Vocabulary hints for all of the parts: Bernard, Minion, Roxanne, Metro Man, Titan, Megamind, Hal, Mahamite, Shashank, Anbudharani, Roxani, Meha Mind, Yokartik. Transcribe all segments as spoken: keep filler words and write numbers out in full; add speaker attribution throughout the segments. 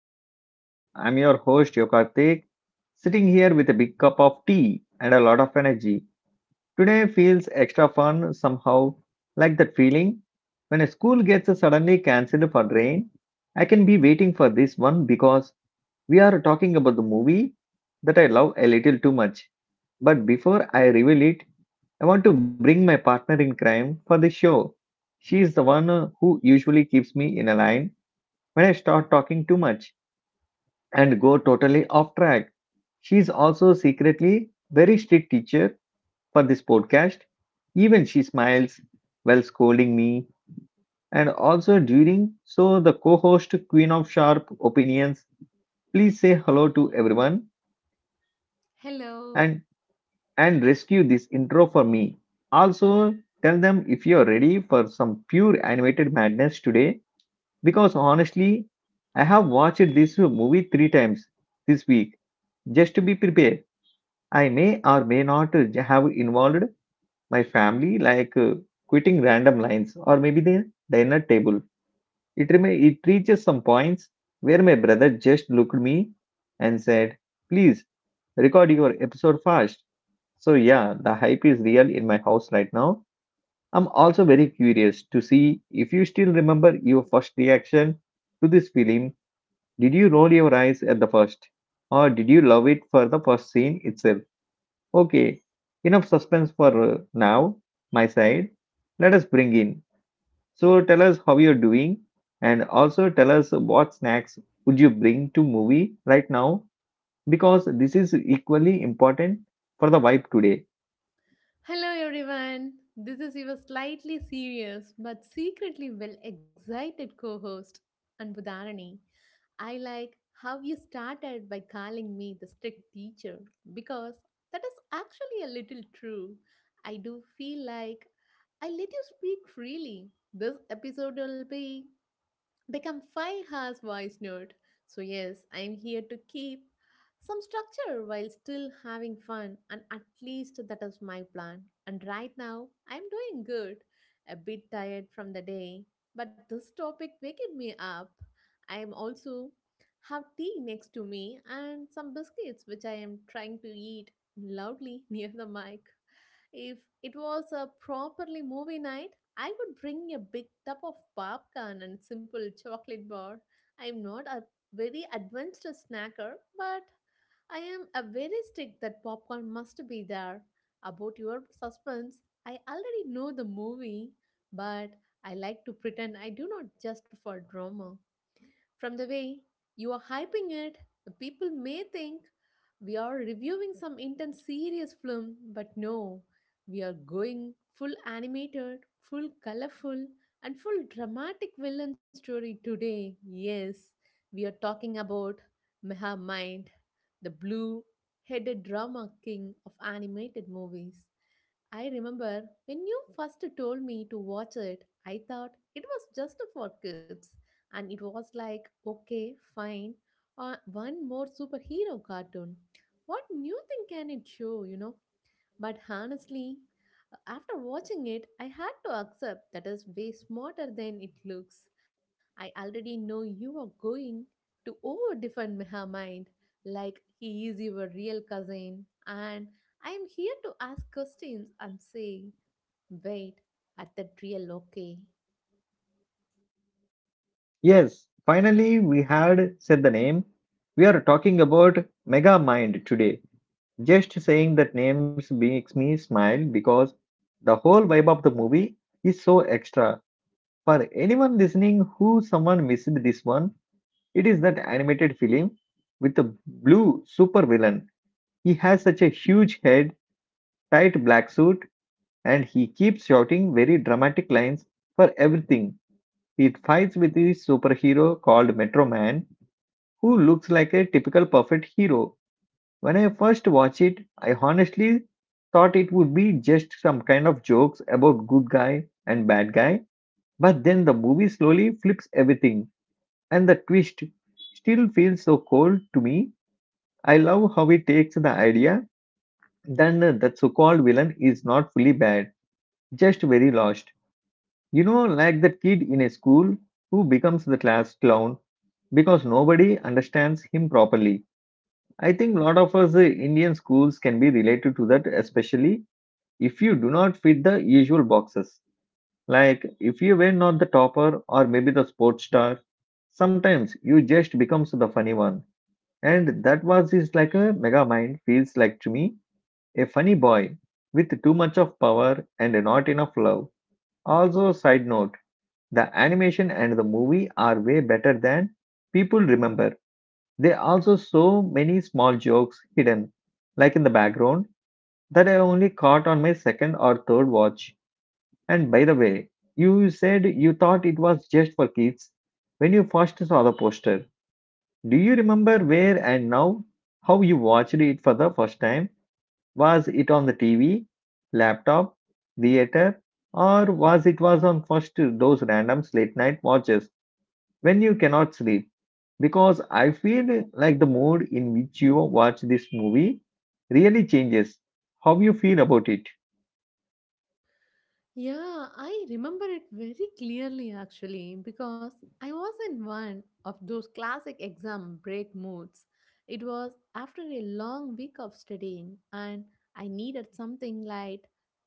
Speaker 1: Entertainment. I'm your host, Yokartik, sitting here with a big cup of tea and a lot of energy. Today feels extra fun somehow, like that feeling when a school gets suddenly cancelled for rain. I can be waiting for this one because we are talking about the movie that I love a little too much. But before I reveal it, I want to bring my partner in crime for the show. She is the one uh, who usually keeps me in a line when I start talking too much and go totally off track. She's also secretly very strict teacher for this podcast. Even she smiles while scolding me and also during so the co-host Queen of Sharp Opinions, please say hello to everyone
Speaker 2: Hello.
Speaker 1: and and rescue this intro for me. Also tell them if you're ready for some pure animated madness today because honestly I have watched this movie three times this week just to be prepared. I may or may not uh, have involved my family, like uh, quitting random lines or maybe the dinner table. It rema- it reaches some points where my brother just looked me and said, please record your episode fast. So yeah, the hype is real in my house right now. I'm also very curious to see if you still remember your first reaction to this film. Did you roll your eyes at the first or did you love it for the first scene itself? Okay, enough suspense for uh, now, my side. Let us bring in. So tell us how you're doing and also tell us what snacks would you bring to movie right now, because this is equally important for the vibe today.
Speaker 2: Hello, everyone. This is your slightly serious but secretly well excited co host, Anbudharani. I like how you started by calling me the strict teacher because that is actually a little true. I do feel like I let you speak freely. This episode will be become five hours voice note. So, yes, I am here to keep some structure while still having fun, and at least that is my plan. And right now, I am doing good, a bit tired from the day, but this topic waked me up. I am also have tea next to me and some biscuits which I am trying to eat loudly near the mic. If it was a properly movie night, I would bring a big tub of popcorn and simple chocolate bar. I am not a very advanced snacker, but I am a very strict that popcorn must be there. About your suspense, I already know the movie, but I like to pretend I do not just for drama. From the way you are hyping it, people may think we are reviewing some intense serious film, but no, we are going full animated, full colorful, and full dramatic villain story today. Yes, we are talking about Meha Mind, the blue headed drama king of animated movies. I remember when you first told me to watch it, I thought it was just for kids and it was like, okay, fine, uh, one more superhero cartoon. What new thing can it show, you know? But honestly, uh, after watching it, I had to accept that is way smarter than it looks. I already know you are going to over defend Meha Mind like he is your real cousin, and I am here to ask questions and say, wait, at that real okay.
Speaker 1: Yes, finally we had said the name. We are talking about Mega Mind today. Just saying that names makes me smile because the whole vibe of the movie is so extra. For anyone listening who someone missed this one, it is that animated film with the blue supervillain. He has such a huge head, tight black suit, and he keeps shouting very dramatic lines for everything. He fights with his superhero called Metro Man, who looks like a typical perfect hero. When I first watched it, I honestly thought it would be just some kind of jokes about good guy and bad guy, but then the movie slowly flips everything and the twist still feels so cold to me. I love how it takes the idea then that the so called villain is not fully bad, just very lost. You know, like that kid in a school who becomes the class clown because nobody understands him properly. I think a lot of us uh, Indian schools can be related to that, especially if you do not fit the usual boxes. Like if you were not the topper or maybe the sports star, sometimes you just becomes the funny one. And that was just like a mega mind feels like to me, a funny boy with too much of power and not enough love. Also, side note, the animation and the movie are way better than people remember. There are also so many small jokes hidden, like in the background, that I only caught on my second or third watch. And by the way, you said you thought it was just for kids when you first saw the poster. Do you remember where and now how you watched it for the first time? Was it on the T V, laptop, theater, or was it was on first those random late night watches when you cannot sleep? Because I feel like the mood in which you watch this movie really changes how you feel about it.
Speaker 2: Yeah, I remember it very clearly actually because I was in one of those classic exam break moods. It was after a long week of studying and I needed something light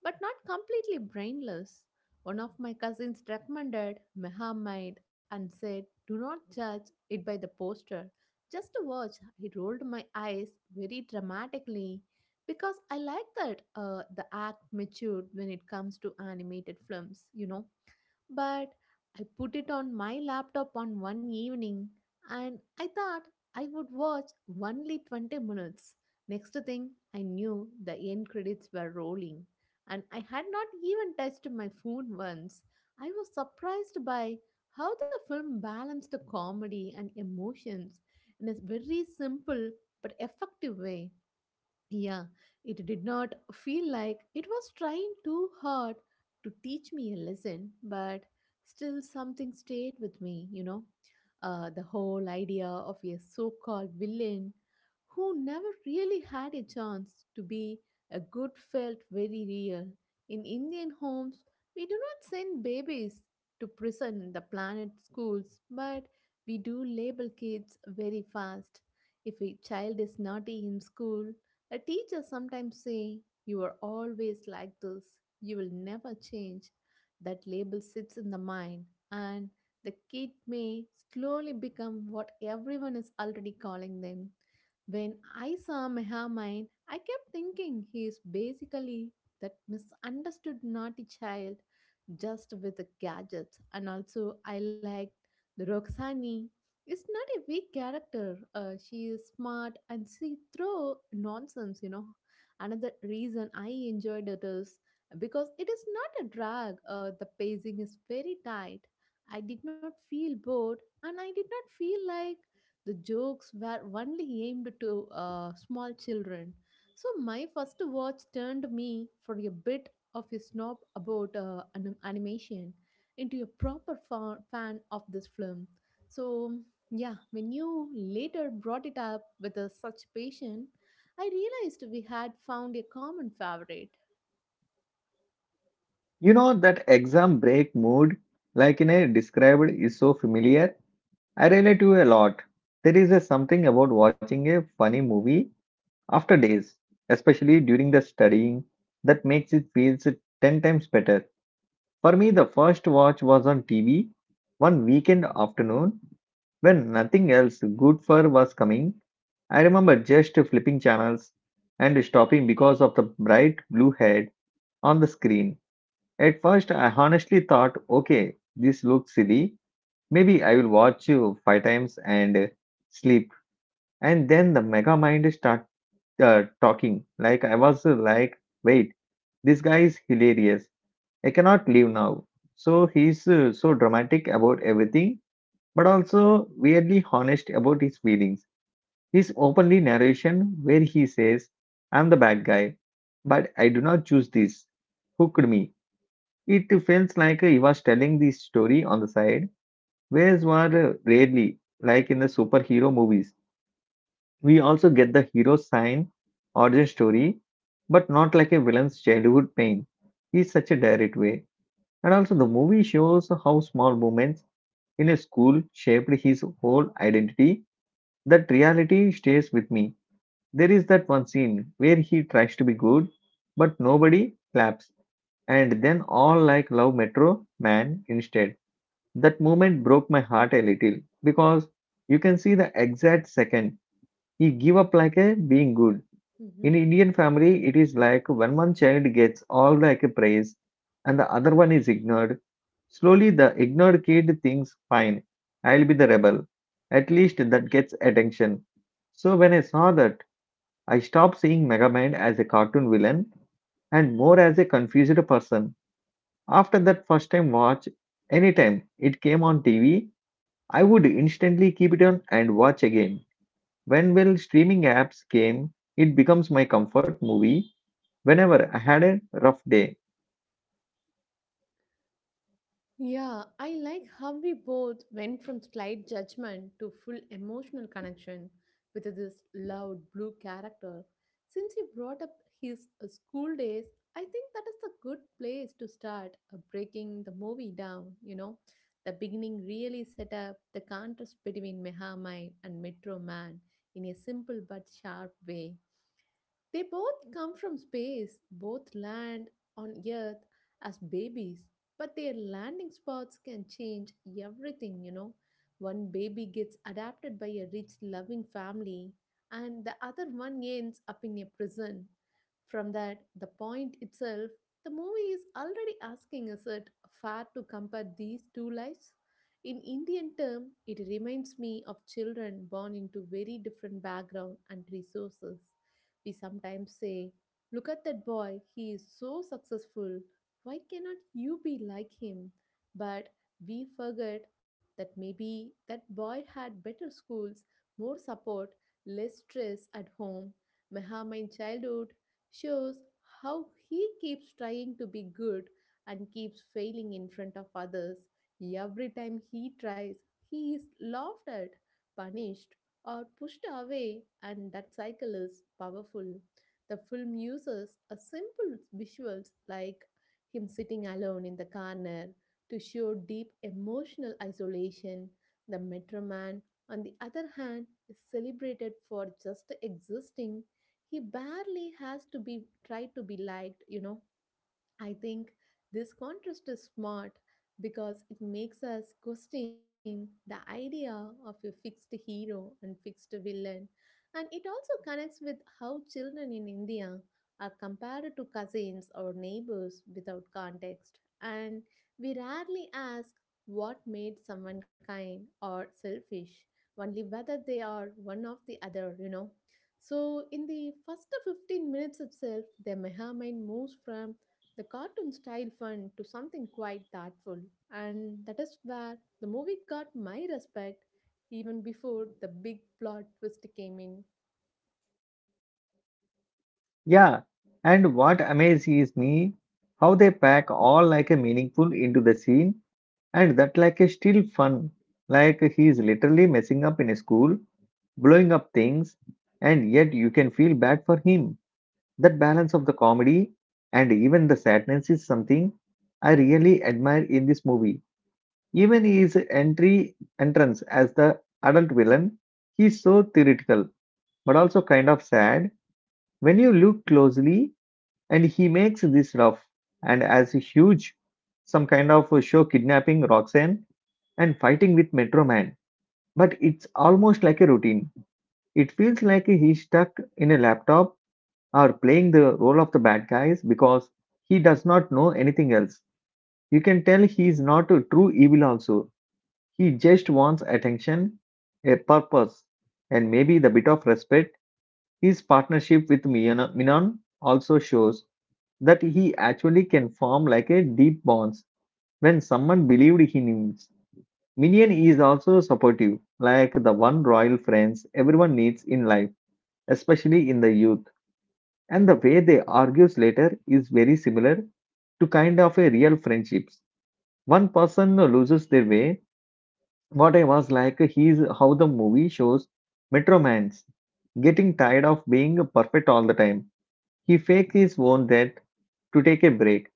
Speaker 2: but not completely brainless. One of my cousins recommended Mahamite and said, "Do not judge it by the poster. Just to watch," I rolled my eyes very dramatically because I like that uh, the act matured when it comes to animated films, you know. But I put it on my laptop on one evening and I thought I would watch only twenty minutes. Next thing I knew, the end credits were rolling and I had not even touched my phone once. I was surprised by how the film balanced the comedy and emotions in a very simple but effective way. Yeah, it did not feel like it was trying too hard to teach me a lesson, but still something stayed with me, you know. Uh, the whole idea of a so called villain who never really had a chance to be a good felt very real. In Indian homes, we do not send babies to prison, the planet schools, but we do label kids very fast. If a child is naughty in school, a teacher sometimes say, "You are always like this, you will never change." That label sits in the mind, and the kid may slowly become what everyone is already calling them. When I saw Mehamine, I kept thinking he is basically that misunderstood naughty child just with the gadgets. And also, I liked the Roxani. It's not a weak character. Uh, she is smart and she through nonsense, you know. Another reason I enjoyed it is because it is not a drag. Uh, the pacing is very tight. I did not feel bored and I did not feel like the jokes were only aimed to uh, small children. So my first watch turned me for a bit of a snob about uh, anim- animation into a proper fa- fan of this film. So, yeah, when you later brought it up with uh, such passion, I realized we had found a common favorite.
Speaker 1: You know that exam break mood, like in a described, is so familiar. I relate to a lot. There is a something about watching a funny movie after days, especially during the studying, that makes it feels ten times better. For me, the first watch was on T V one weekend afternoon when nothing else good for was coming. I remember just flipping channels and stopping because of the bright blue head on the screen. At first, I honestly thought, okay, this looks silly. Maybe I will watch you five times and sleep. And then the mega mind started uh, talking. Like I was uh, like, wait, this guy is hilarious. I cannot leave now. So he's uh, so dramatic about everything, but also weirdly honest about his feelings. His openly narration where he says, "I'm the bad guy, but I do not choose this. Hooked me." It feels like he was telling this story on the side, whereas were rarely like in the superhero movies. We also get the hero's sign, origin story, but not like a villain's childhood pain. Is such a direct way. And also, the movie shows how small moments in a school shaped his whole identity. That reality stays with me. There is that one scene where he tries to be good, but nobody claps, and then all like love Metro Man instead. That moment broke my heart a little because you can see the exact second he gave up like a being good
Speaker 2: Mhm.
Speaker 1: in Indian family. It is like when one child gets all like a praise and the other one is ignored. Slowly, the ignored kid thinks, fine, I'll be the rebel. At least that gets attention. So when I saw that, I stopped seeing Megamind as a cartoon villain and more as a confused person. After that first time watch, anytime it came on T V, I would instantly keep it on and watch again. When well streaming apps came, it becomes my comfort movie whenever I had a rough day.
Speaker 2: Yeah, I like how we both went from slight judgment to full emotional connection with this loud blue character. Since you brought up his uh, school days, I think that is the good place to start uh, breaking the movie down, you know. The beginning really set up the contrast between Mehamine and Metro Man in a simple but sharp way. They both come from space, both land on Earth as babies, but their landing spots can change everything, you know. One baby gets adopted by a rich, loving family, and the other one ends up in a prison. From that, the point itself, the movie is already asking us it fair to compare these two lives? In Indian term, it reminds me of children born into very different background and resources. We sometimes say, "Look at that boy, he is so successful. Why cannot you be like him?" But we forget that maybe that boy had better schools, more support, less stress at home. Mahamine childhood shows how he keeps trying to be good and keeps failing in front of others. Every time he tries, he is laughed at, punished, or pushed away, and that cycle is powerful. The film uses a simple visuals like him sitting alone in the corner to show deep emotional isolation. The Metro Man, on the other hand, is celebrated for just existing. He barely has to be tried to be liked, you know. I think this contrast is smart because it makes us question the idea of a fixed hero and fixed villain. And it also connects with how children in India are compared to cousins or neighbors without context. And we rarely ask what made someone kind or selfish, only whether they are one of the other, you know. So, in the first fifteen minutes itself, the Mehamine moves from the cartoon style fun to something quite thoughtful, and that is where the movie got my respect even before the big plot twist came in.
Speaker 1: Yeah, and what amazes me how they pack all like a meaningful into the scene and that like a still fun. Like he is literally messing up in a school, blowing up things, and yet you can feel bad for him. That balance of the comedy and even the sadness is something I really admire in this movie. Even his entry entrance as the adult villain, he's so theoretical but also kind of sad. When you look closely, and he makes this rough and as huge, some kind of a show kidnapping Roxanne and fighting with Metro Man. But it's almost like a routine. It feels like he's stuck in a laptop or playing the role of the bad guys because he does not know anything else. You can tell he's not a true evil, also. He just wants attention, a purpose, and maybe the bit of respect. His partnership with Minon also shows that he actually can form like a deep bonds when someone believed he needs. Minion is also supportive, like the one royal friends everyone needs in life, especially in the youth. And the way they argues later is very similar to kind of a real friendships. One person loses their way. What I was like, he's how the movie shows Metro Man's getting tired of being perfect all the time. He faked his own death to take a break,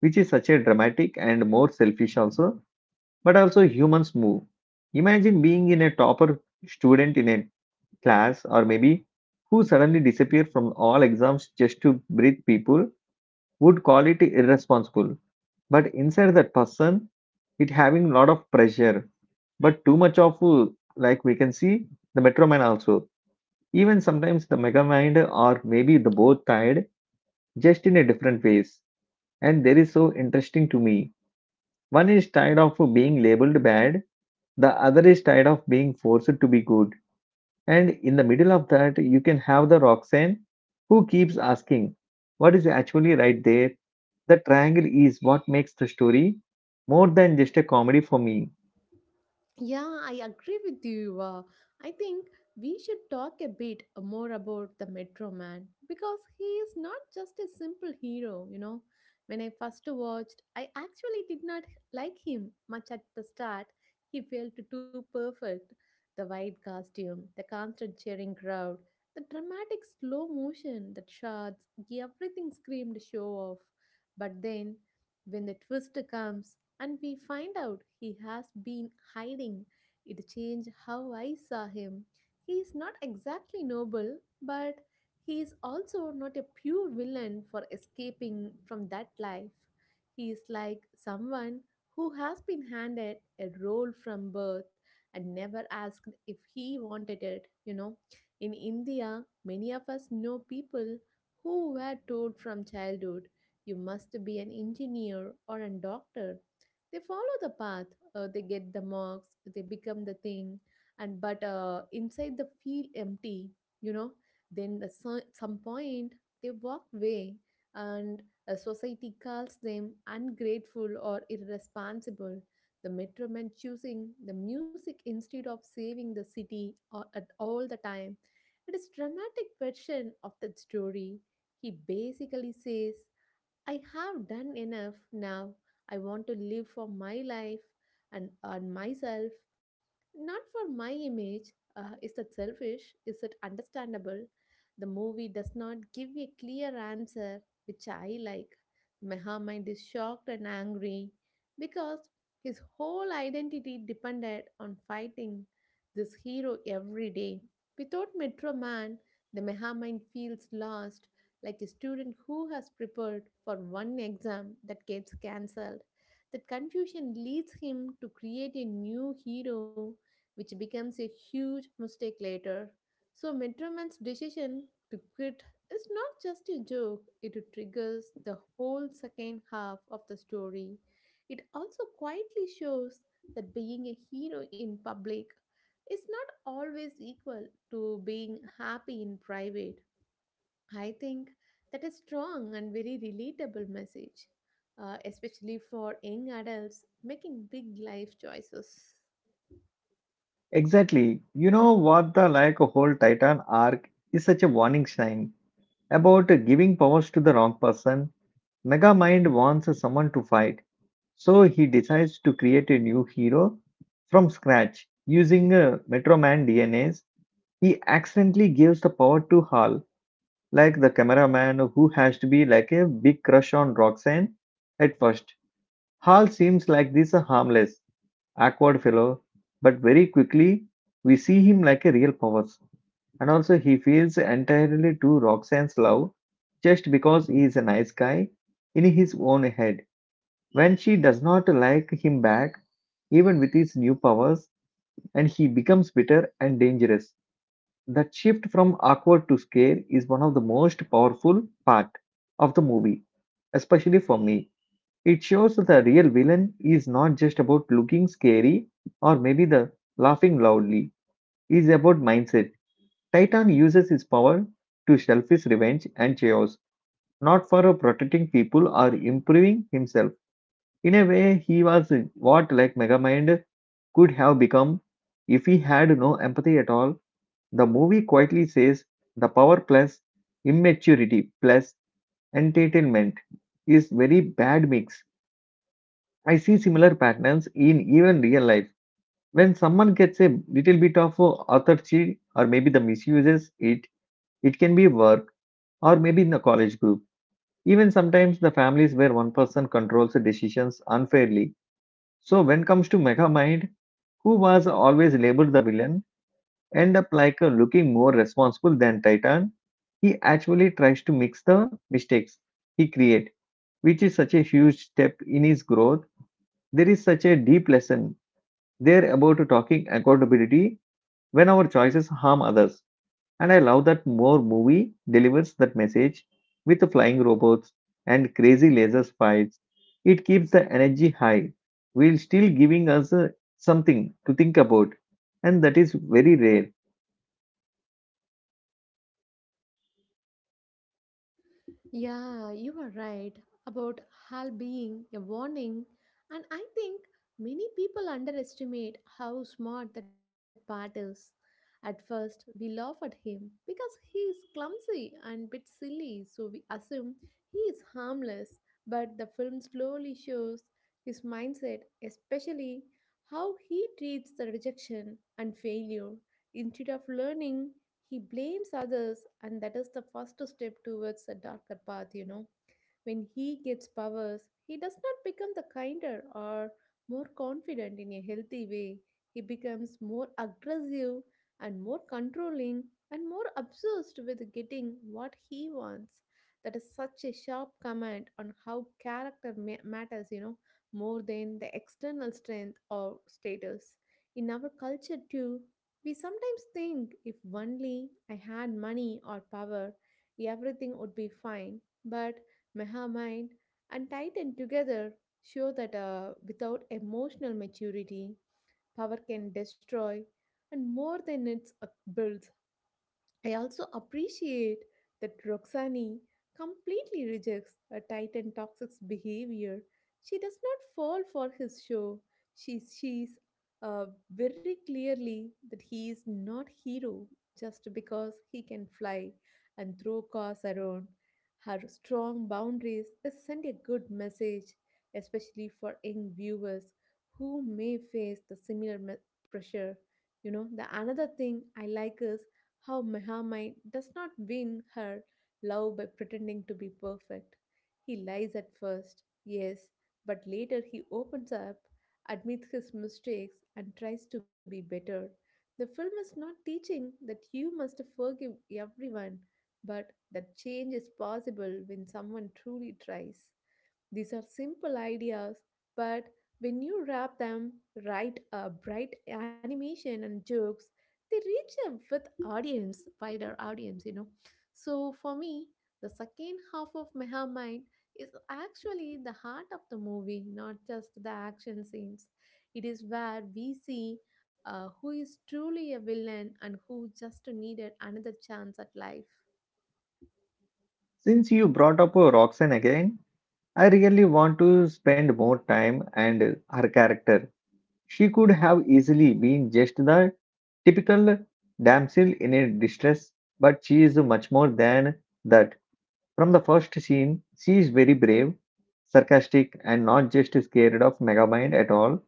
Speaker 1: which is such a dramatic and more selfish also, but also humans move. Imagine being in a topper student in a class or maybe who suddenly disappeared from all exams just to breathe. People would call it irresponsible. But inside that person, it having a lot of pressure, but too much of uh, like we can see the metro man also. Even sometimes the mega mind or maybe the both tied just in a different ways. And there is so interesting to me. One is tired of being labeled bad, the other is tired of being forced to be good. And in the middle of that, you can have the Roxanne who keeps asking what is actually right there. The triangle is what makes the story more than just a comedy for me.
Speaker 2: Yeah, I agree with you. Uh, I think we should talk a bit more about the Metro Man because he is not just a simple hero, you know. When I first watched, I actually did not like him much at the start. He felt too perfect. The white costume, the constant cheering crowd, the dramatic slow motion, the shots, everything screamed show off. But then, when the twist comes, and we find out he has been hiding. It changed how I saw him. He is not exactly noble, but he is also not a pure villain for escaping from that life. He is like someone who has been handed a role from birth and never asked if he wanted it, you know. In India, many of us know people who were told from childhood, you must be an engineer or a doctor. They follow the path, uh, they get the marks, they become the thing, and but uh, inside the feel empty, you know. Then at so- some point they walk away, and uh, society calls them ungrateful or irresponsible. The metro men choosing the music instead of saving the city or, at all the time, it is dramatic version of that story. He basically says, "I have done enough now. I want to live for my life and on myself, not for my image." Uh, is that selfish? Is it understandable? The movie does not give a clear answer, which I like. Mahamad is shocked and angry because his whole identity depended on fighting this hero every day. Without Metro Man, the Mahamad feels lost like a student who has prepared for one exam that gets cancelled. That confusion leads him to create a new hero, which becomes a huge mistake later. So, Metroman's decision to quit is not just a joke, it triggers the whole second half of the story. It also quietly shows that being a hero in public is not always equal to being happy in private. I think that is strong and very relatable message, uh, especially for young adults making big life choices.
Speaker 1: Exactly. You know what the like whole Titan arc is such a warning sign about giving powers to the wrong person. Megamind wants someone to fight, so he decides to create a new hero from scratch using uh, Metro Man D N As. He accidentally gives the power to Hal, like the cameraman who has to be like a big crush on Roxanne at first. Hal seems like this a harmless, awkward fellow, but very quickly we see him like a real powers. And also he feels entirely to Roxanne's love just because he is a nice guy in his own head. When she does not like him back, even with his new powers, and he becomes bitter and dangerous. That shift from awkward to scare is one of the most powerful part of the movie, especially for me. It shows that the real villain is not just about looking scary or maybe the laughing loudly. Is about mindset. Titan uses his power to selfish revenge and chaos, not for protecting people or improving himself. In a way, he was what like Megamind could have become if he had no empathy at all. The movie quietly says the power plus immaturity plus entertainment is very bad mix. I see similar patterns in even real life. When someone gets a little bit of uh, authority or maybe the misuses it, it can be work or maybe in the college group. Even sometimes the families where one person controls the decisions unfairly. So when comes to Megamind, who was always labeled the villain, end up like uh, looking more responsible than Titan. He actually tries to mix the mistakes he create, which is such a huge step in his growth. There is such a deep lesson there about talking accountability when our choices harm others. And I love that more movie delivers that message with the flying robots and crazy laser fights. It keeps the energy high while still giving us uh, something to think about. And that is very rare.
Speaker 2: Yeah, you are right about HAL being a warning, and I think many people underestimate how smart that part is. At first, we laugh at him because he is clumsy and bit silly, so we assume he is harmless. But the film slowly shows his mindset, especially how he treats the rejection and failure. Instead of learning, he blames others, and that is the first step towards a darker path, you know. When he gets powers, he does not become the kinder or more confident in a healthy way. He becomes more aggressive and more controlling and more obsessed with getting what he wants. That is such a sharp comment on how character ma- matters, you know, more than the external strength or status. In our culture, too, we sometimes think if only I had money or power, everything would be fine. But Mahamine and Titan together show that uh, without emotional maturity, power can destroy and more than it builds. I also appreciate that Roxani completely rejects a Titan toxic's behavior. She does not fall for his show. She sees uh, very clearly that he is not hero just because he can fly and throw cars around. Her strong boundaries is send a good message, especially for young viewers who may face the similar me- pressure. You know the another thing I like is how Mehamai does not win her love by pretending to be perfect. He lies at first, yes, but later he opens up, admits his mistakes, and tries to be better. The film is not teaching that you must forgive everyone, but that change is possible when someone truly tries. These are simple ideas, but when you wrap them right a bright animation and jokes, they reach a with audience, wider audience, you know. So for me, the second half of Meha Mind is actually the heart of the movie, not just the action scenes. It is where we see uh, who is truly a villain and who just needed another chance at life.
Speaker 1: Since you brought up uh, Roxanne again, I really want to spend more time and uh, her character. She could have easily been just the typical damsel in a distress, but she is much more than that. From the first scene, she is very brave, sarcastic, and not just scared of Megamind at all.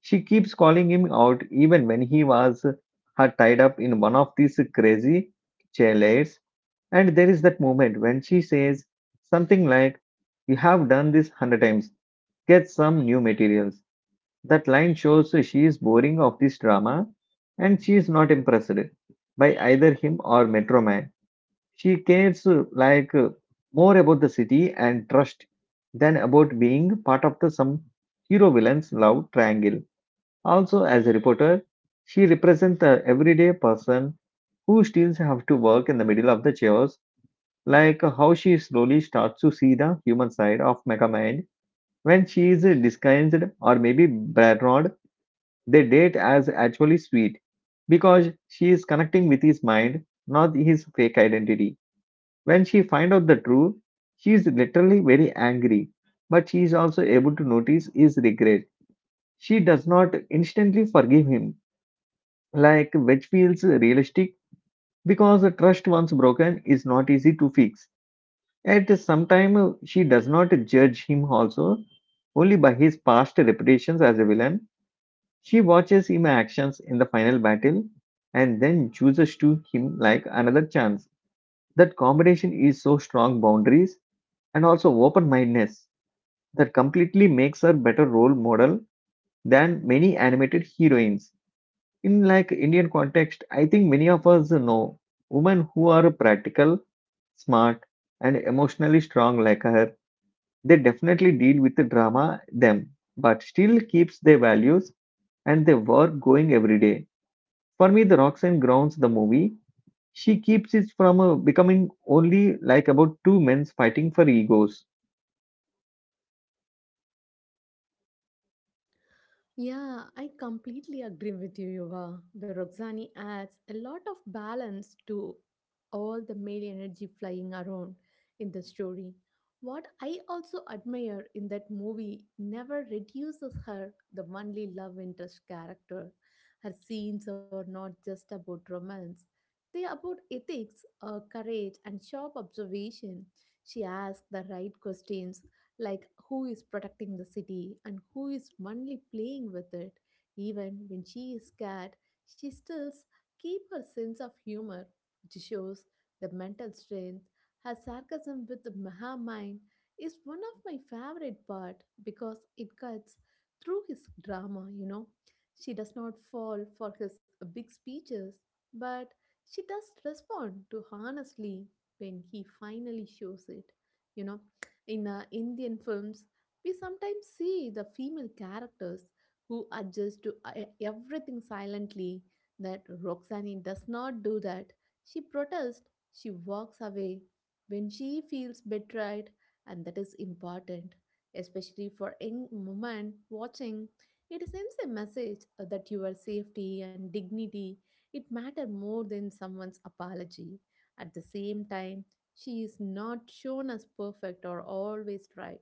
Speaker 1: She keeps calling him out even when he was her tied up in one of these crazy chairs. And there is that moment when she says something like, "You have done this hundred times, get some new materials." That line shows she is boring of this drama and she is not impressed by either him or Metro Man. She cares uh, like uh, more about the city and trust than about being part of the some hero villain's love triangle. Also, as a reporter, she represents the everyday person who still have to work in the middle of the chaos, like how she slowly starts to see the human side of Megamind when she is uh, disguised or maybe Bernard. They date as actually sweet because she is connecting with his mind, not his fake identity. When she finds out the truth, she is literally very angry, but she is also able to notice his regret. She does not instantly forgive him, like which feels realistic because the trust once broken is not easy to fix. At some time, she does not judge him also, only by his past reputations as a villain. She watches him actions in the final battle and then chooses to him like another chance. That combination is so strong boundaries and also open mindedness that completely makes her better role model than many animated heroines. In like Indian context, I think many of us know women who are practical, smart, and emotionally strong like her. They definitely deal with the drama them, but still keeps their values and their work going every day. For me, the Roxanne grounds the movie. She keeps it from uh, becoming only like about two men fighting for egos.
Speaker 2: Yeah, I completely agree with you, Yuva. The Roxani adds a lot of balance to all the male energy flying around in the story. What I also admire in that movie never reduces her the only love interest character. Her scenes are not just about romance. They are about ethics, uh, courage, and sharp observation. She asks the right questions like who is protecting the city and who is only playing with it. Even when she is scared, she still keeps her sense of humor, which shows the mental strength. Her sarcasm with her mind is one of my favorite part because it cuts through his drama, you know. She does not fall for his big speeches, but she does respond to honestly when he finally shows it. You know, in uh, Indian films, we sometimes see the female characters who adjust to uh, everything silently. That Roxani does not do that. She protests, she walks away when she feels betrayed, and that is important, especially for young women watching. It sends a message uh, that your safety and dignity it matter more than someone's apology. At the same time, she is not shown as perfect or always right.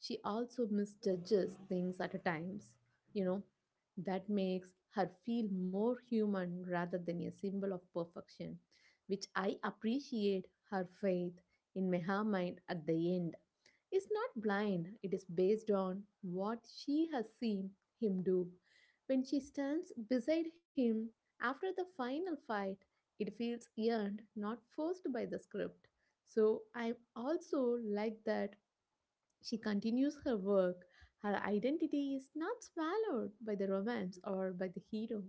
Speaker 2: She also misjudges things at times, you know, that makes her feel more human rather than a symbol of perfection, which I appreciate. Her faith in Mehamite at the end is not blind, it is based on what she has seen him do. When she stands beside him after the final fight, it feels earned, not forced by the script. So I'm also like that she continues her work. Her identity is not swallowed by the romance or by the hero.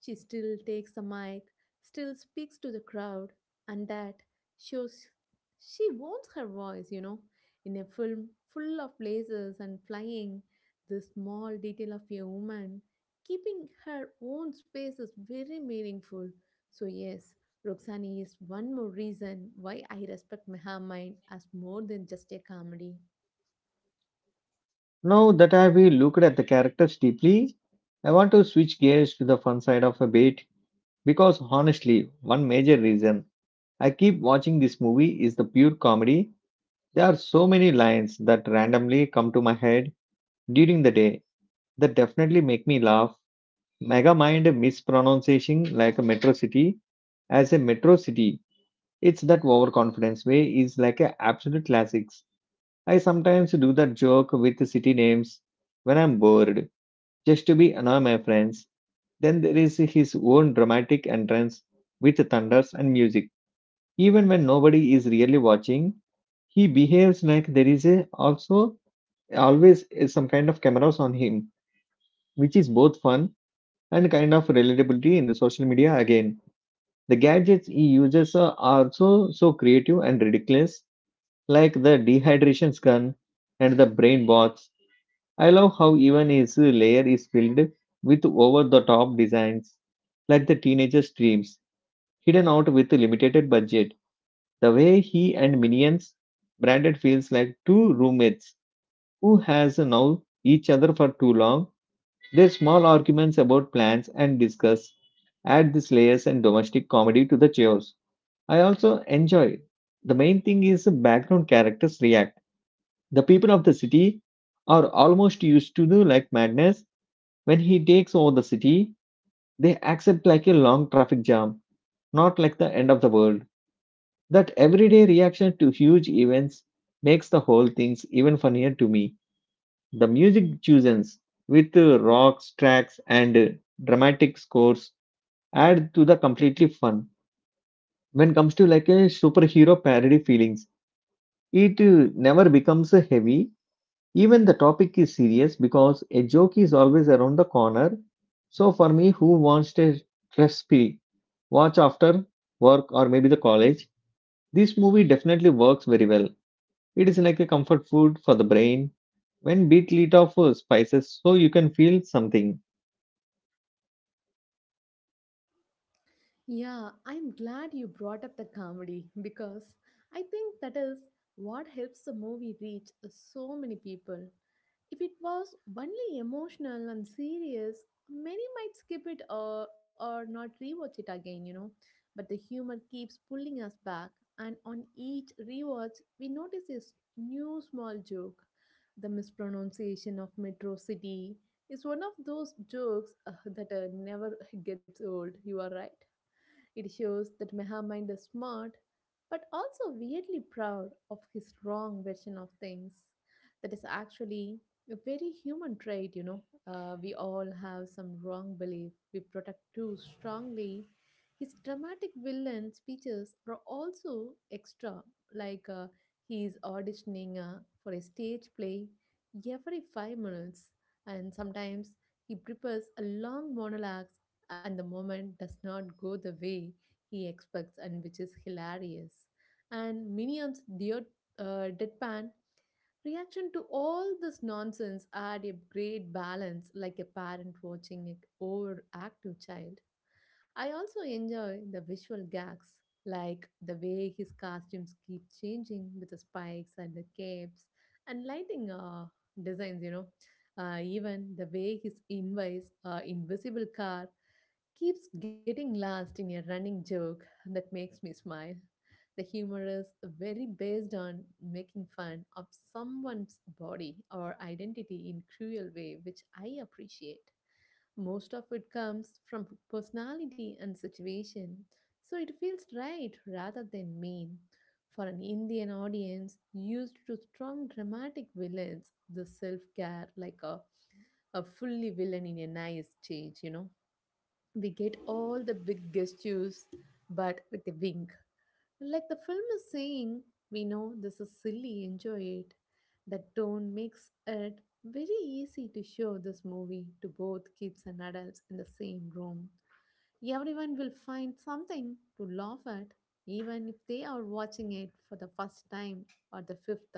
Speaker 2: She still takes the mic, still speaks to the crowd, and that shows she wants her voice, you know. In a film full of lasers and flying, the small detail of a woman keeping her own space is very meaningful. So, yes, Roxani is one more reason why I respect Meha as more than just a comedy.
Speaker 1: Now that I've looked at the characters deeply, I want to switch gears to the fun side of a bit because honestly, one major reason I keep watching this movie is the pure comedy. There are so many lines that randomly come to my head during the day that definitely make me laugh. Megamind mispronunciation like a metro city as a metro city. It's that overconfidence way is like a absolute classics. I sometimes do that joke with the city names when I'm bored just to be another my friends. Then there is his own dramatic entrance with thunders and music. Even when nobody is really watching, he behaves like there is a, also always some kind of cameras on him, which is both fun and kind of relatability in the social media again. The gadgets he uses are also so creative and ridiculous, like the dehydration gun and the brain box. I love how even his layer is filled with over the top designs, like the teenager's dreams, hidden out with a limited budget. The way he and Minions branded feels like two roommates who has known each other for too long. Their small arguments about plans and discuss add these layers and domestic comedy to the chaos. I also enjoy. The main thing is the background characters react. The people of the city are almost used to the like madness. When he takes over the city, they accept like a long traffic jam, not like the end of the world. That everyday reaction to huge events makes the whole things even funnier to me. The music chooses with uh, rocks, tracks, and uh, dramatic scores add to the completely fun. When comes to like a superhero parody feelings, it uh, never becomes uh, heavy. Even the topic is serious because a joke is always around the corner. So for me, who wants a stress watch after work or maybe the college, this movie definitely works very well. It is like a comfort food for the brain. When beat lit off uh, spices so you can feel something.
Speaker 2: Yeah, I'm glad you brought up the comedy because I think that is what helps the movie reach so many people. If it was only emotional and serious, many might skip it or, or not rewatch it again, you know. But the humor keeps pulling us back, and on each rewatch, we notice a s- new small joke. The mispronunciation of Metro City is one of those jokes uh, that uh, never gets old, you are right. It shows that Mehammind is smart, but also weirdly proud of his wrong version of things. That is actually a very human trait, you know. Uh, we all have some wrong belief we protect too strongly. His dramatic villain speeches are also extra, like uh, he is auditioning uh, for a stage play every five minutes, and sometimes he prepares a long monologue and the moment does not go the way he expects and which is hilarious. And minions dear uh, deadpan reaction to all this nonsense add a great balance like a parent watching an overactive child. I also enjoy the visual gags like the way his costumes keep changing with the spikes and the capes and lighting uh, designs, you know. Uh, even the way his invites uh, invisible car keeps getting lost in a running joke that makes me smile. The humor is very based on making fun of someone's body or identity in cruel way, which I appreciate. Most of it comes from personality and situation, so it feels right rather than mean. For an Indian audience used to strong dramatic villains, the self care like a, a fully villain in a nice change, you know. We get all the big gestures, but with a wink. Like the film is saying, we know this is silly, enjoy it. The tone makes it very easy to show this movie to both kids and adults in the same room. Everyone will find something to laugh at, even if they are watching it for the first time or the fifth.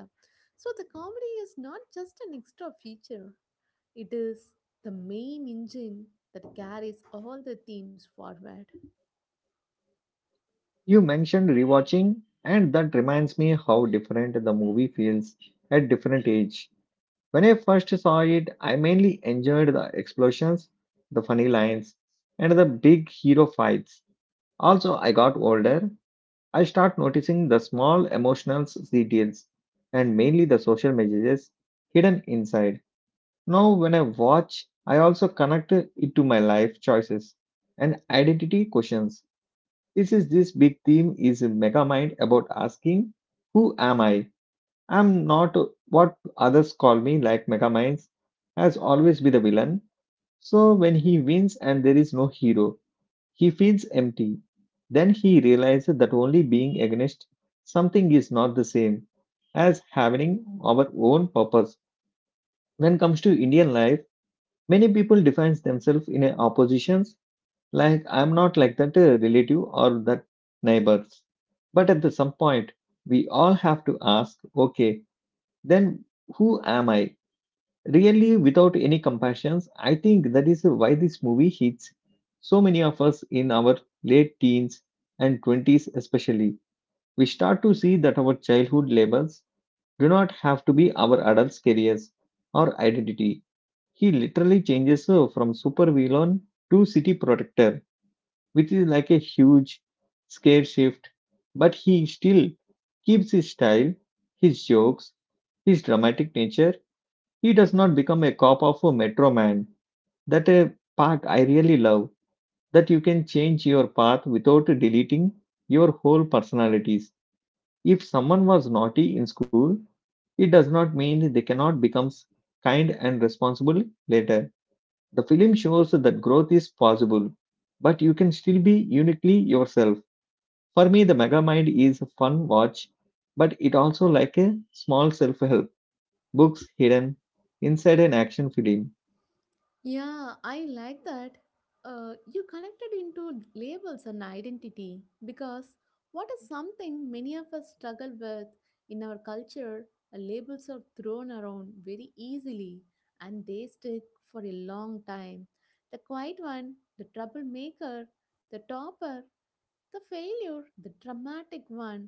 Speaker 2: So the comedy is not just an extra feature, it is the main engine that carries all the themes forward.
Speaker 1: You mentioned rewatching, and that reminds me how different the movie feels at different age. When I first saw it, I mainly enjoyed the explosions, the funny lines, and the big hero fights. Also, I got older I start noticing the small emotional details and mainly the social messages hidden inside. Now, when I watch, I also connect it to my life choices and identity questions. This is this big theme is mega mind about asking, who am I? I'm not what others call me, like mega minds has always been the villain. So when he wins and there is no hero, he feels empty. Then he realizes that only being against something is not the same as having our own purpose. When comes to Indian life, many people define themselves in a oppositions like I'm not like that uh, relative or that neighbors. But at the some point, we all have to ask, okay, then who am I? Really, without any compassions, I think that is why this movie hits so many of us in our late teens and twenties, especially. We start to see that our childhood labels do not have to be our adult careers or identity. He literally changes uh, from supervillain to city protector, which is like a huge scare shift, but he still keeps his style, his jokes, his dramatic nature. He does not become a cop of a Metro Man. That a part I really love that you can change your path without deleting your whole personalities. If someone was naughty in school, it does not mean they cannot become kind and responsible later. The film shows that growth is possible, but you can still be uniquely yourself. For me, the Megamind is a fun watch, but it also like a small self-help books hidden inside an action film.
Speaker 2: Yeah, I like that. Uh, you connected into labels and identity because what is something many of us struggle with in our culture? uh, Labels are thrown around very easily and they stick for a long time. The quiet one, the troublemaker, the topper, the failure, the dramatic one,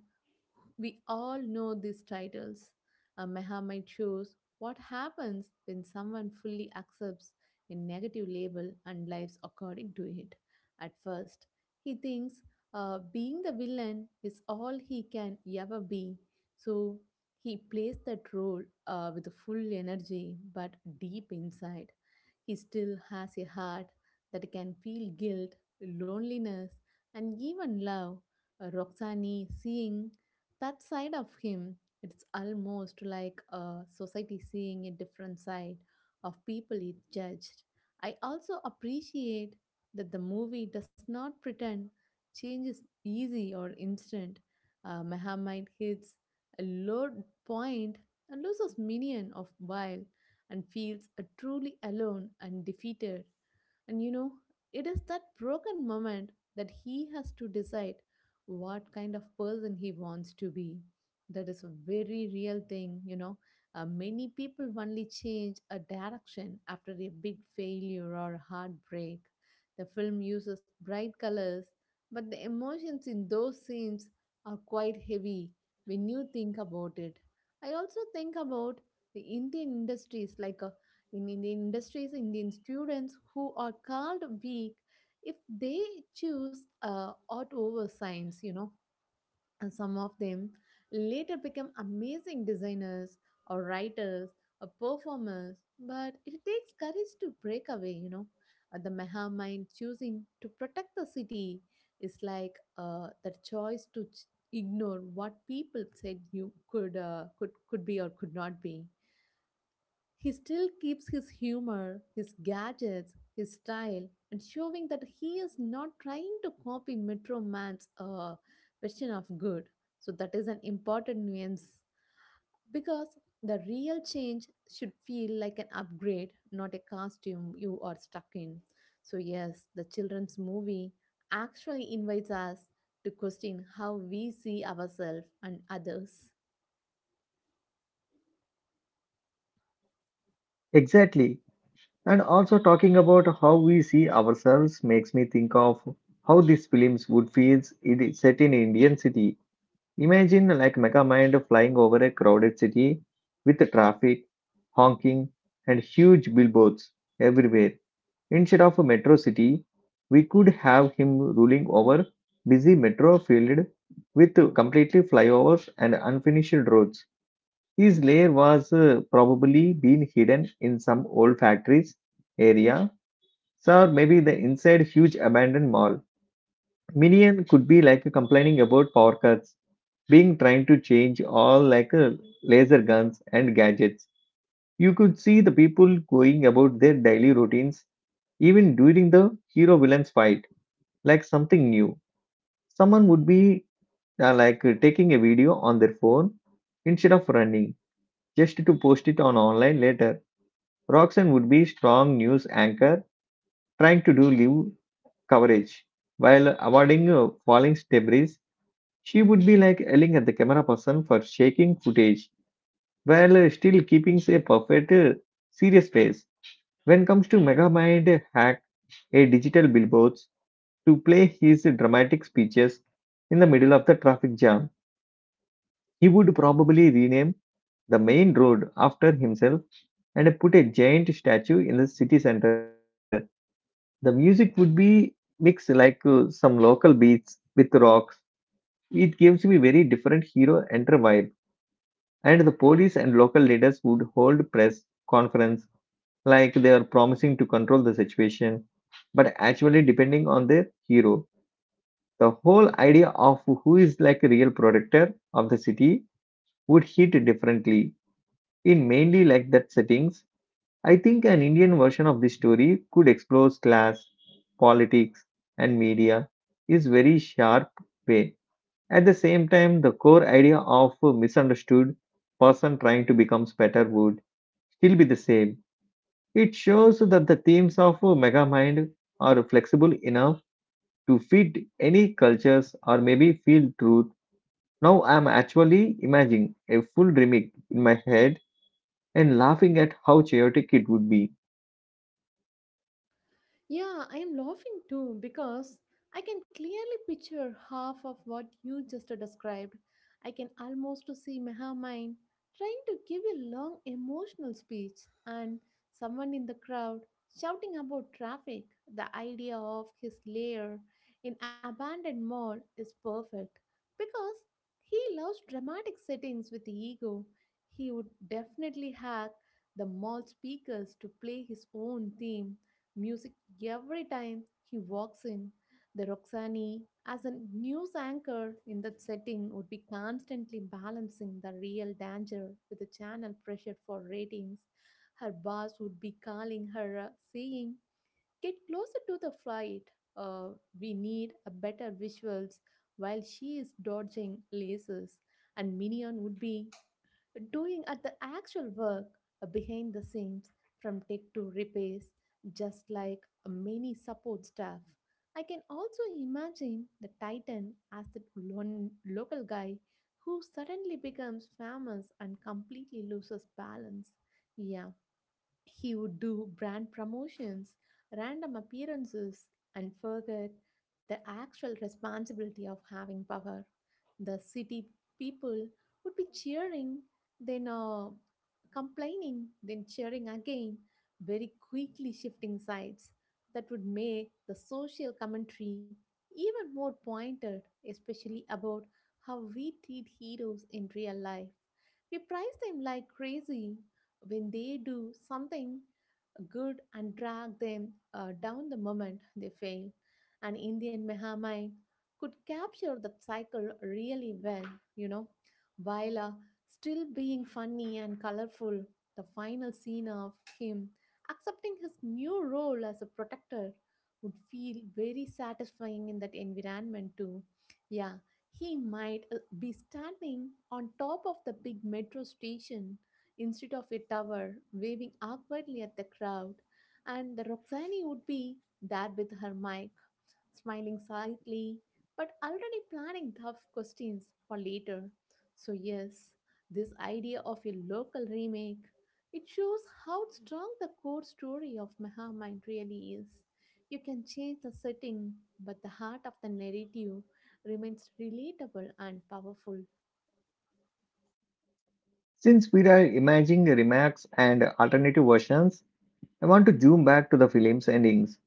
Speaker 2: we all know these titles. Uh, Muhammad shows what happens when someone fully accepts a negative label and lives according to it. At first, he thinks uh, being the villain is all he can ever be. So he plays that role uh, with full energy, but deep inside, he still has a heart that can feel guilt, loneliness, and even love. Uh, Roxani seeing that side of him, it's almost like a society seeing a different side of people it judged. I also appreciate that the movie does not pretend change is easy or instant. Uh, Muhammad hits a low point and loses million of while and feels uh, truly alone and defeated. And you know, it is that broken moment that he has to decide what kind of person he wants to be. That is a very real thing, you know. Uh, many people only change a direction after a big failure or heartbreak. The film uses bright colors, but the emotions in those scenes are quite heavy when you think about it. I also think about the Indian industries, like uh, in Indian industries, Indian students who are called weak if they choose uh, art over science, you know, and some of them later become amazing designers or writers or performers, but it takes courage to break away, you know. Uh, the Meha mind choosing to protect the city is like uh, that choice to ch- ignore what people said you could uh, could could be or could not be. He still keeps his humor, his gadgets, his style, and showing that he is not trying to copy Metro Man's uh, vision of good. So, that is an important nuance because the real change should feel like an upgrade, not a costume you are stuck in. So, yes, the children's movie actually invites us to question how we see ourselves and others.
Speaker 1: Exactly. And also talking about how we see ourselves makes me think of how these films would feel it is set in Indian city. Imagine like Megamind flying over a crowded city with the traffic, honking, and huge billboards everywhere. Instead of a metro city, we could have him ruling over busy metro field with completely flyovers and unfinished roads. His lair was uh, probably been hidden in some old factories area so or maybe the inside huge abandoned mall. Minion could be like complaining about power cuts, being trying to change all like uh, laser guns and gadgets. You could see the people going about their daily routines even during the hero villains fight, like something new. Someone would be uh, like uh, taking a video on their phone instead of running just to post it on online later. Roxanne would be strong news anchor trying to do live coverage. While avoiding uh, falling debris, she would be like yelling at the camera person for shaking footage while uh, still keeping a perfect uh, serious face. When comes to Megamind hack a digital billboards to play his dramatic speeches in the middle of the traffic jam, he would probably rename the main road after himself and put a giant statue in the city center. The music would be mixed like uh, some local beats with rock. It gives me very different hero enter vibe, and the police and local leaders would hold press conference like they are promising to control the situation, but actually depending on their hero. The whole idea of who is like a real protector of the city would hit differently in mainly like that settings. I think an Indian version of this story could explore class, politics, and media is very sharp way. At the same time, the core idea of a misunderstood person trying to become better would still be the same. It shows that the themes of Megamind are flexible enough to fit any cultures or maybe feel truth. Now I'm actually imagining a full remake in my head and laughing at how chaotic it would be.
Speaker 2: Yeah, I am laughing too because I can clearly picture half of what you just described. I can almost see Meha trying to give a long emotional speech and someone in the crowd shouting about traffic. The idea of his lair in abandoned mall is perfect because he loves dramatic settings with ego. He would definitely hack the mall speakers to play his own theme music every time he walks in. The Roxani, as a news anchor in that setting, would be constantly balancing the real danger with the channel pressure for ratings. Her boss would be calling her, uh, saying, get closer to the flight. Uh, we need a better visuals while she is dodging lasers. And Minion would be doing at the actual work uh, behind the scenes from tech to repairs, just like uh, many support staff. I can also imagine the Titan as the lone local guy who suddenly becomes famous and completely loses balance. Yeah, he would do brand promotions, random appearances, and forget the actual responsibility of having power. The city people would be cheering, then uh, complaining, then cheering again, very quickly shifting sides. That would make the social commentary even more pointed, especially about how we treat heroes in real life. We prize them like crazy, when they do something good and drag them uh, down the moment they fail. An Indian Mehamine could capture that cycle really well, you know, while uh, still being funny and colorful. The final scene of him accepting his new role as a protector would feel very satisfying in that environment, too. Yeah, he might uh, be standing on top of the big metro station instead of a tower waving awkwardly at the crowd, and the Roxani would be there with her mic, smiling slightly, but already planning tough questions for later. So, yes, this idea of a local remake. It shows how strong the core story of Mahamine really is. You can change the setting, but the heart of the narrative remains relatable and powerful.
Speaker 1: Since we are imagining remakes and alternative versions, I want to zoom back to the film's endings.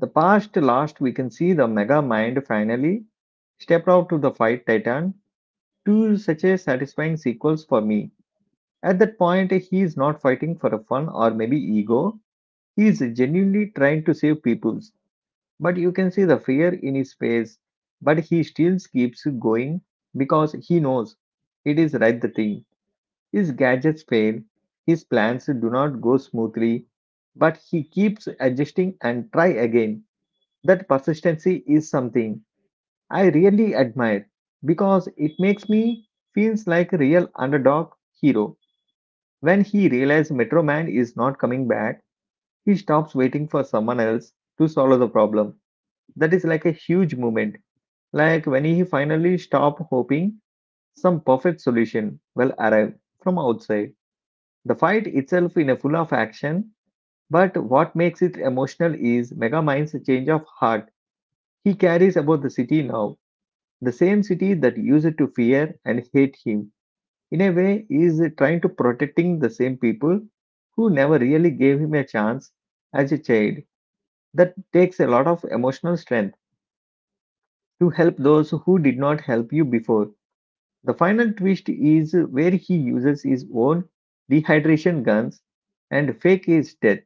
Speaker 1: The past last we can see the Mega Mind finally step out to the fight Titan, two such a satisfying sequels for me. At that point, he is not fighting for a fun or maybe ego. He is genuinely trying to save peoples. But you can see the fear in his face. But he still keeps going because he knows it is right the thing. His gadgets fail. His plans do not go smoothly. But he keeps adjusting and try again. That persistency is something I really admire, because it makes me feels like a real underdog hero. When he realizes Metro Man is not coming back, he stops waiting for someone else to solve the problem. That is like a huge moment. Like when he finally stopped hoping some perfect solution will arrive from outside. The fight itself in a full of action, but what makes it emotional is Mega Mind's change of heart. He carries about the city now. The same city that used to fear and hate him, in a way, is trying to protecting the same people who never really gave him a chance as a child. That takes a lot of emotional strength to help those who did not help you before. The final twist is where he uses his own dehydration guns and fake his death.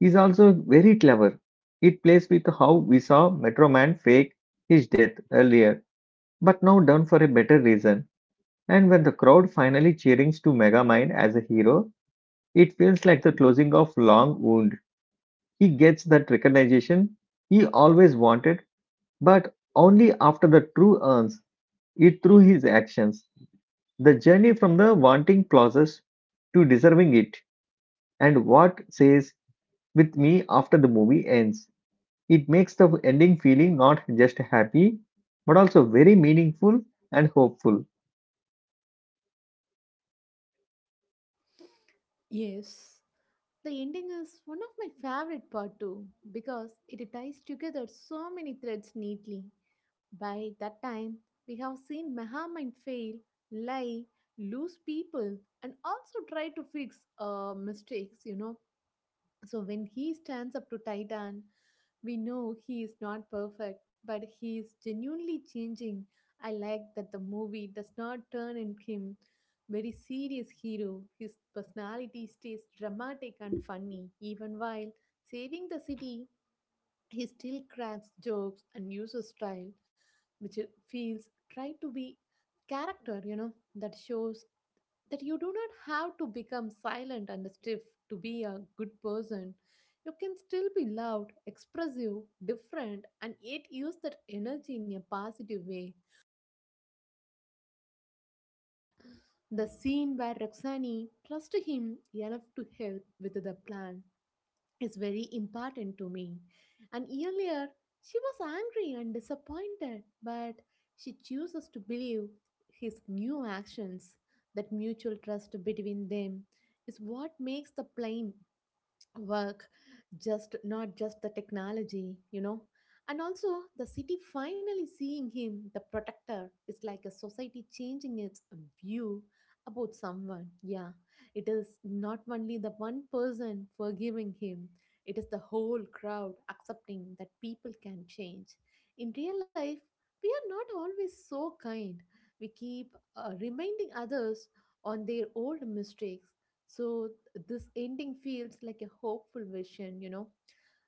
Speaker 1: He's also very clever. It plays with how we saw Metro Man fake his death earlier, but now done for a better reason. And when the crowd finally cheerings to Megamind as a hero, it feels like the closing of long wound. He gets that recognition he always wanted, but only after the true earns it through his actions. The journey from the wanting clauses to deserving it, and what says with me after the movie ends. It makes the ending feeling not just happy, but also very meaningful and hopeful.
Speaker 2: Yes, the ending is one of my favorite part too because it ties together so many threads neatly. By that time, we have seen Mahamine fail, lie, lose people, and also try to fix uh, mistakes, you know. So when he stands up to Titan we know he is not perfect, but he is genuinely changing. I like that the movie does not turn in him very serious hero. His personality stays dramatic and funny. Even while saving the city, he still cracks jokes and uses style, which it feels try to be character, you know, that shows that you do not have to become silent and stiff to be a good person. You can still be loud, expressive, different, and yet use that energy in a positive way. The scene where Roxani trusts him enough to help with the plan is very important to me. And earlier, she was angry and disappointed, but she chooses to believe his new actions. That mutual trust between them is what makes the plan work just not just the technology you know and also the city finally seeing him the protector. It's like a society changing its view about someone, yeah, it is not only the one person forgiving him, it is the whole crowd accepting that people can change. In real life we are not always so kind, we keep uh, reminding others on their old mistakes. So this ending feels like a hopeful vision, you know,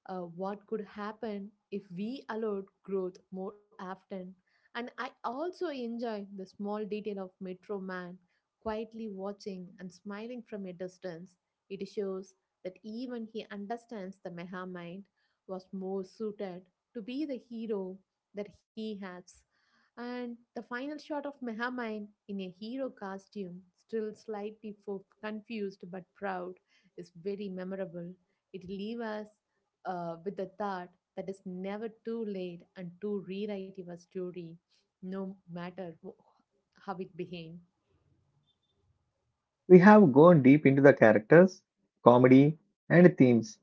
Speaker 2: uh, what could happen if we allowed growth more often. And I also enjoy the small detail of Metro Man quietly watching and smiling from a distance. It shows that even he understands the Meha mind was more suited to be the hero that he has. And the final shot of Mehamine in a hero costume, still slightly fo- confused but proud, is very memorable. It leaves us uh, with the thought that it's never too late and to rewrite your story, no matter wh- how it behaves.
Speaker 1: We have gone deep into the characters, comedy, and themes,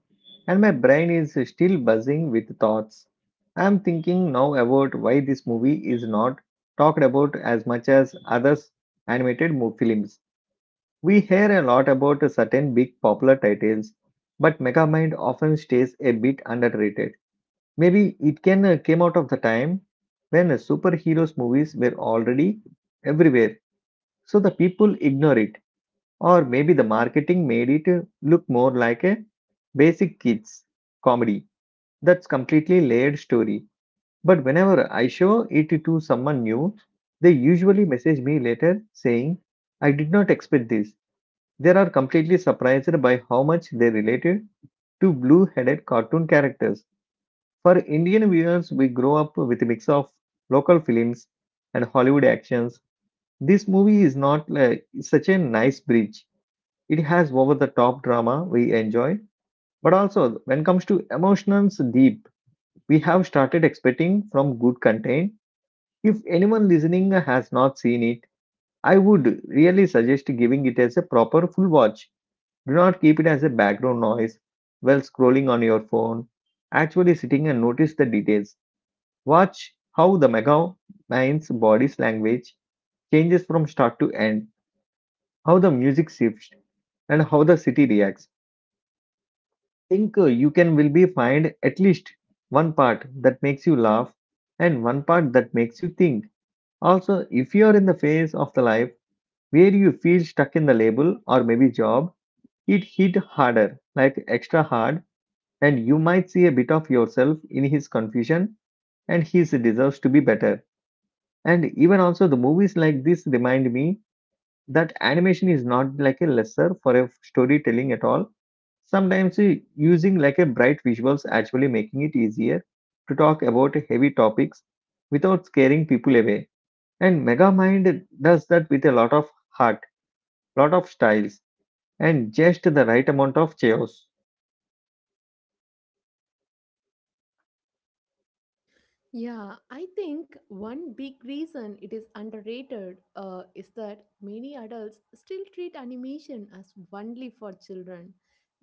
Speaker 1: and my brain is still buzzing with thoughts. I am thinking now about why this movie is not talked about as much as other animated mo- films. We hear a lot about certain big popular titles, but Megamind often stays a bit underrated. Maybe it can uh, came out of the time when uh, superheroes movies were already everywhere, so the people ignore it. Or maybe the marketing made it uh, look more like a basic kids comedy that's completely layered story. But whenever I show it to someone new, they usually message me later saying, "I did not expect this." They are completely surprised by how much they related to blue headed cartoon characters. For Indian viewers, we grow up with a mix of local films and Hollywood actions. This movie is not like such a nice bridge, it has over the top drama we enjoy, but also when it comes to emotions deep, we have started expecting from good content. If anyone listening has not seen it, I would really suggest giving it as a proper full watch. Do not keep it as a background noise while scrolling on your phone. Actually sitting and notice the details. Watch how the mega mind's body's language changes from start to end, how the music shifts, and how the city reacts. Think uh, you can will be find at least one part that makes you laugh and one part that makes you think. Also, if you are in the phase of the life where you feel stuck in the label or maybe job, it hit harder, like extra hard, and you might see a bit of yourself in his confusion and his deserves to be better. And even also the movies like this remind me that animation is not like a lesser for a storytelling at all. Sometimes uh, using like a bright visuals actually making it easier to talk about heavy topics without scaring people away, and megamind does that with a lot of heart, lot of styles, and just the right amount of chaos.
Speaker 2: Yeah, I think one big reason it is underrated uh, is that many adults still treat animation as only for children.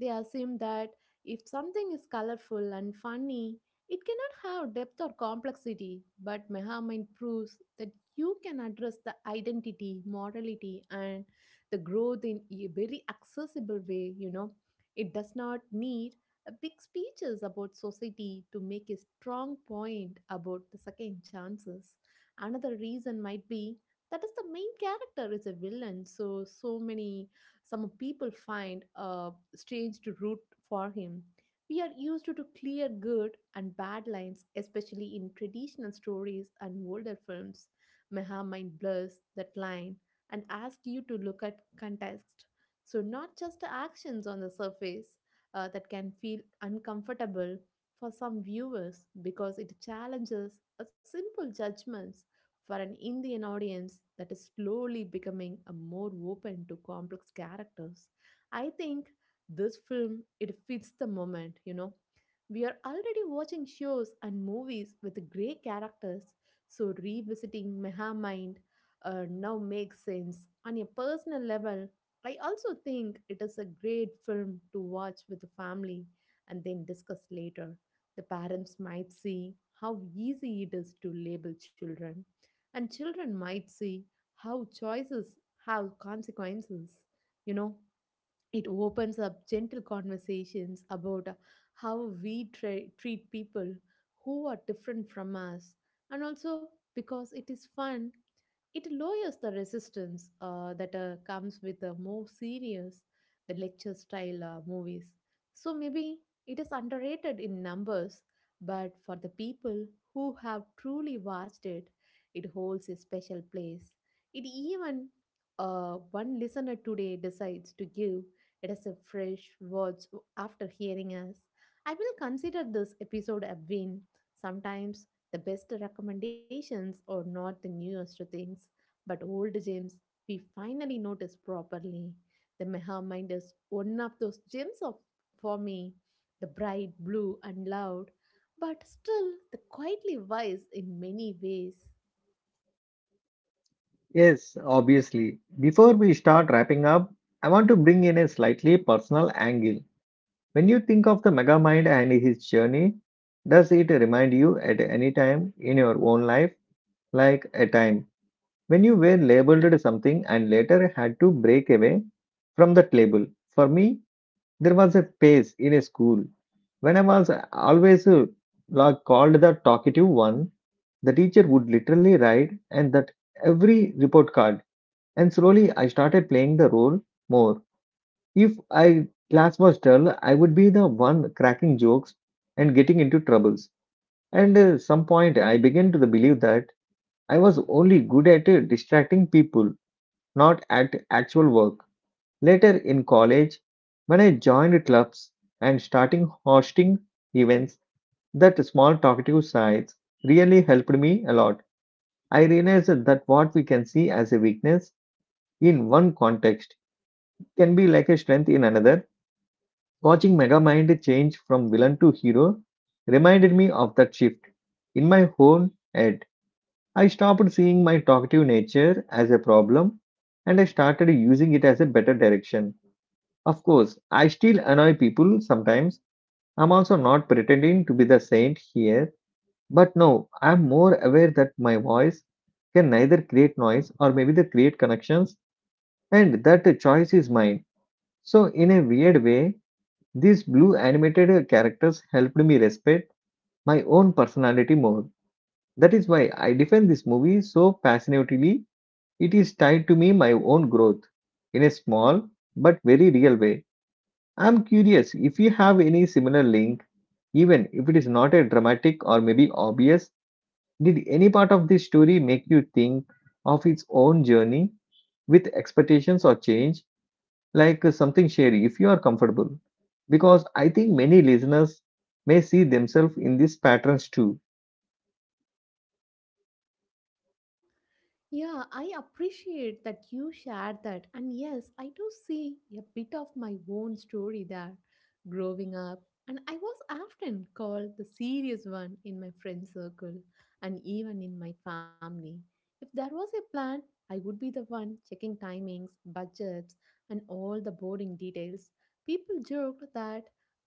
Speaker 2: They assume that if something is colorful and funny, it cannot have depth or complexity. But Mehamine proves that you can address the identity, morality, and the growth in a very accessible way, you know. It does not need uh, big speeches about society to make a strong point about the second chances. Another reason might be that is the main character is a villain, so so many some people find uh, strange to root for him. We are used to, to clear good and bad lines, especially in traditional stories and older films. Meha might blurs that line and ask you to look at context. So, not just the actions on the surface uh, that can feel uncomfortable for some viewers because it challenges a simple judgments for an Indian audience that is slowly becoming a more open to complex characters. I think this film it fits the moment, you know. We are already watching shows and movies with great characters, so revisiting Meha Mind uh, now makes sense on a personal level. I also think it is a great film to watch with the family and then discuss later. The parents might see how easy it is to label children, and children might see how choices have consequences. You know, it opens up gentle conversations about uh, how we tra- treat people who are different from us, and also because it is fun it lowers the resistance uh, that uh, comes with the more serious, the lecture style uh, movies. So maybe it is underrated in numbers, but for the people who have truly watched it, it holds a special place. It even uh, one listener today decides to give it as a fresh watch after hearing us. I will consider this episode a win. Sometimes the best recommendations are not the newest things. But old gems we finally notice properly. The Meha Mind is one of those gems of for me, the bright blue and loud, but still the quietly wise in many ways.
Speaker 1: Yes, obviously, before we start wrapping up, I want to bring in a slightly personal angle. When you think of the Megamind and his journey, does it remind you at any time in your own life, like a time when you were labeled something and later had to break away from that label? For me, there was a phase in a school when I was always uh, like called the talkative one. The teacher would literally write and that every report card, and slowly I started playing the role more. If I class was dull, I would be the one cracking jokes and getting into troubles. And uh, some point, I began to believe that I was only good at uh, distracting people, not at actual work. Later in college, when I joined clubs and starting hosting events, that small talkative sides really helped me a lot. I realized that what we can see as a weakness in one context can be like a strength in another. Watching Megamind change from villain to hero reminded me of that shift. In my own head, I stopped seeing my talkative nature as a problem and I started using it as a better direction. Of course, I still annoy people sometimes. I'm also not pretending to be the saint here, but no, I'm more aware that my voice can neither create noise or maybe they create connections, and that choice is mine. So, in a weird way, these blue animated characters helped me respect my own personality more. That is why I defend this movie so passionately. It is tied to me my own growth in a small but very real way. I am curious if you have any similar link, even if it is not a dramatic or maybe obvious. Did any part of this story make you think of its own journey with expectations or change? Like uh, something shady if you are comfortable, because I think many listeners may see themselves in these patterns too.
Speaker 2: Yeah, I appreciate that you shared that. And yes, I do see a bit of my own story there growing up. And I was often called the serious one in my friend circle and even in my family. If there was a plan, I would be the one checking timings, budgets, and all the boring details. People joked that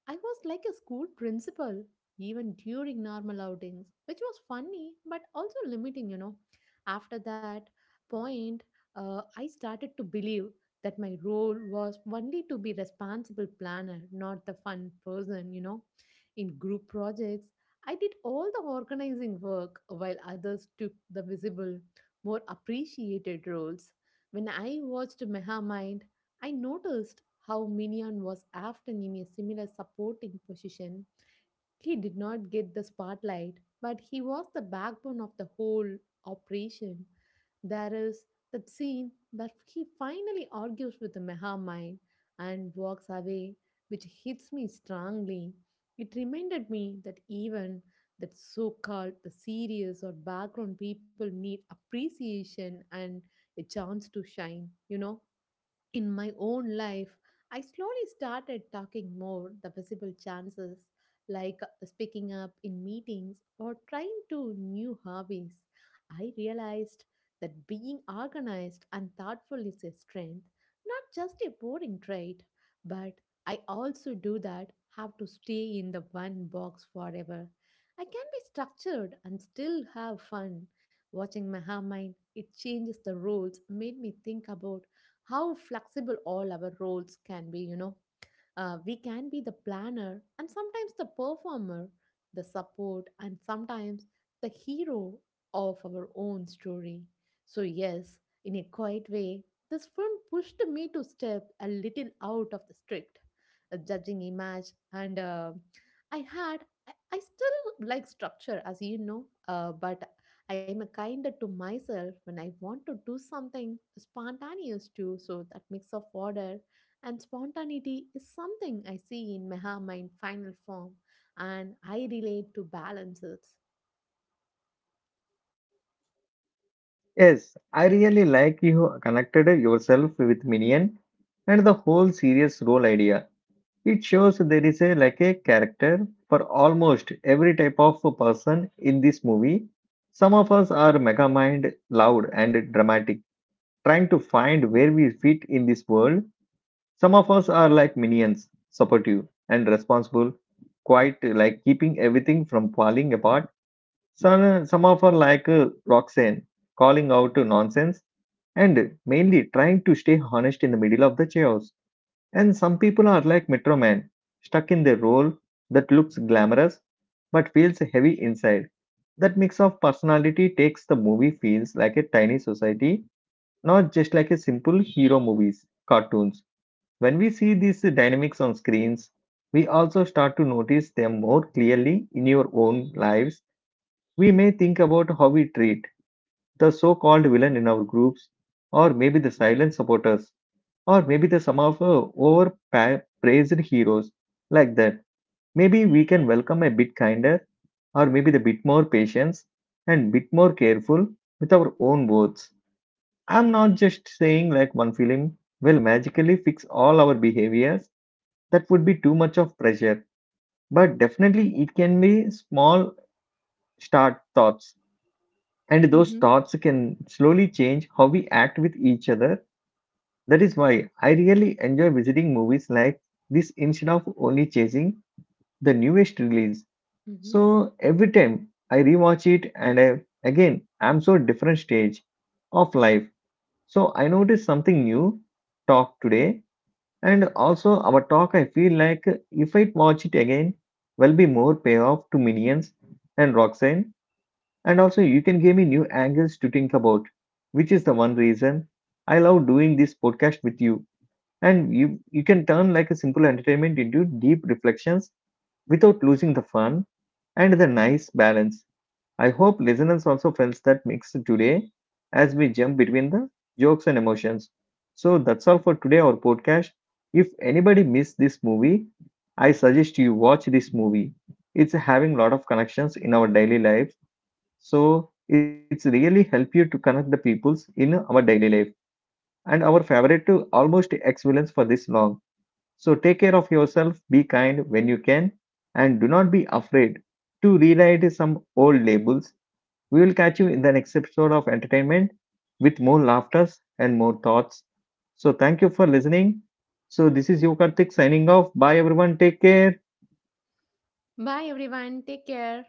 Speaker 2: I was like a school principal, even during normal outings, which was funny but also limiting, you know. After that point, uh, I started to believe that my role was only to be responsible planner, not the fun person, you know. In group projects, I did all the organizing work while others took the visible, more appreciated roles. When I watched Meha mind, I noticed how Minion was often in a similar supporting position he did not get the spotlight, but he was the backbone of the whole operation. There is that scene that he finally argues with the Meha Mind and walks away, which hits me strongly. It reminded me that even that so-called the serious or background people need appreciation and a chance to shine, you know. In my own life, I slowly started talking more the visible chances, like uh, speaking up in meetings or trying to new hobbies. I realized that being organized and thoughtful is a strength, not just a boring trait, but I also do that have to stay in the one box forever. I can be structured and still have fun. Watching Maha Mind, it changes the rules, made me think about how flexible all our roles can be you know uh, We can be the planner and sometimes the performer, the support, and sometimes the hero of our own story. So, yes, in a quiet way, this film pushed me to step a little out of the strict uh, judging image, and uh, I had. I I still like structure, as you know, uh, but I am a kinder to myself when I want to do something spontaneous too. So that mix of order and spontaneity is something I see in Meha in final form, and I relate to balance it.
Speaker 1: Yes, I really like you connected yourself with minion and the whole serious role idea. It shows there is a like a character for almost every type of a person in this movie. Some of us are mega mind, loud and dramatic, trying to find where we fit in this world. Some of us are like minions, supportive and responsible, quite like keeping everything from falling apart. Some, some of us are like uh, Roxanne, calling out to nonsense and mainly trying to stay honest in the middle of the chaos. And some people are like Metro Man, stuck in their role that looks glamorous but feels heavy inside. That mix of personality takes the movie feels like a tiny society, not just like a simple hero movies, cartoons. When we see these dynamics on screens, we also start to notice them more clearly in your own lives. We may think about how we treat the so called villain in our groups, or maybe the silent supporters, or maybe the some of uh, overpraised heroes like that. Maybe we can welcome a bit kinder, or maybe the bit more patience and bit more careful with our own words. I'm not just saying like one film will magically fix all our behaviors. That would be too much of pressure, but definitely it can be small start thoughts, and those
Speaker 2: Hmm.
Speaker 1: thoughts can slowly change how we act with each other. That is why I really enjoy visiting movies like this instead of only chasing the newest release.
Speaker 2: Mhm.
Speaker 1: So every time I rewatch it and I, again, I'm so different stage of life, so I noticed something new talk today. And also, our talk, I feel like if I watch it again, will be more payoff to Minions and Roxanne. And also, you can give me new angles to think about, which is the one reason I love doing this podcast with you. And you, you can turn like a simple entertainment into deep reflections without losing the fun and the nice balance. I hope listeners also felt that mix today as we jump between the jokes and emotions. So that's all for today, our podcast. If anybody missed this movie, I suggest you watch this movie. It's having a lot of connections in our daily life. So it's really help you to connect the peoples in our daily life and our favorite to almost excellence for this long. So take care of yourself, be kind when you can, and do not be afraid to rewrite some old labels. We will catch you in the next episode of Entertainment with more laughters and more thoughts. So, thank you for listening. So, this is you, Karthik, signing off. Bye, everyone. Take care.
Speaker 2: Bye, everyone. Take care.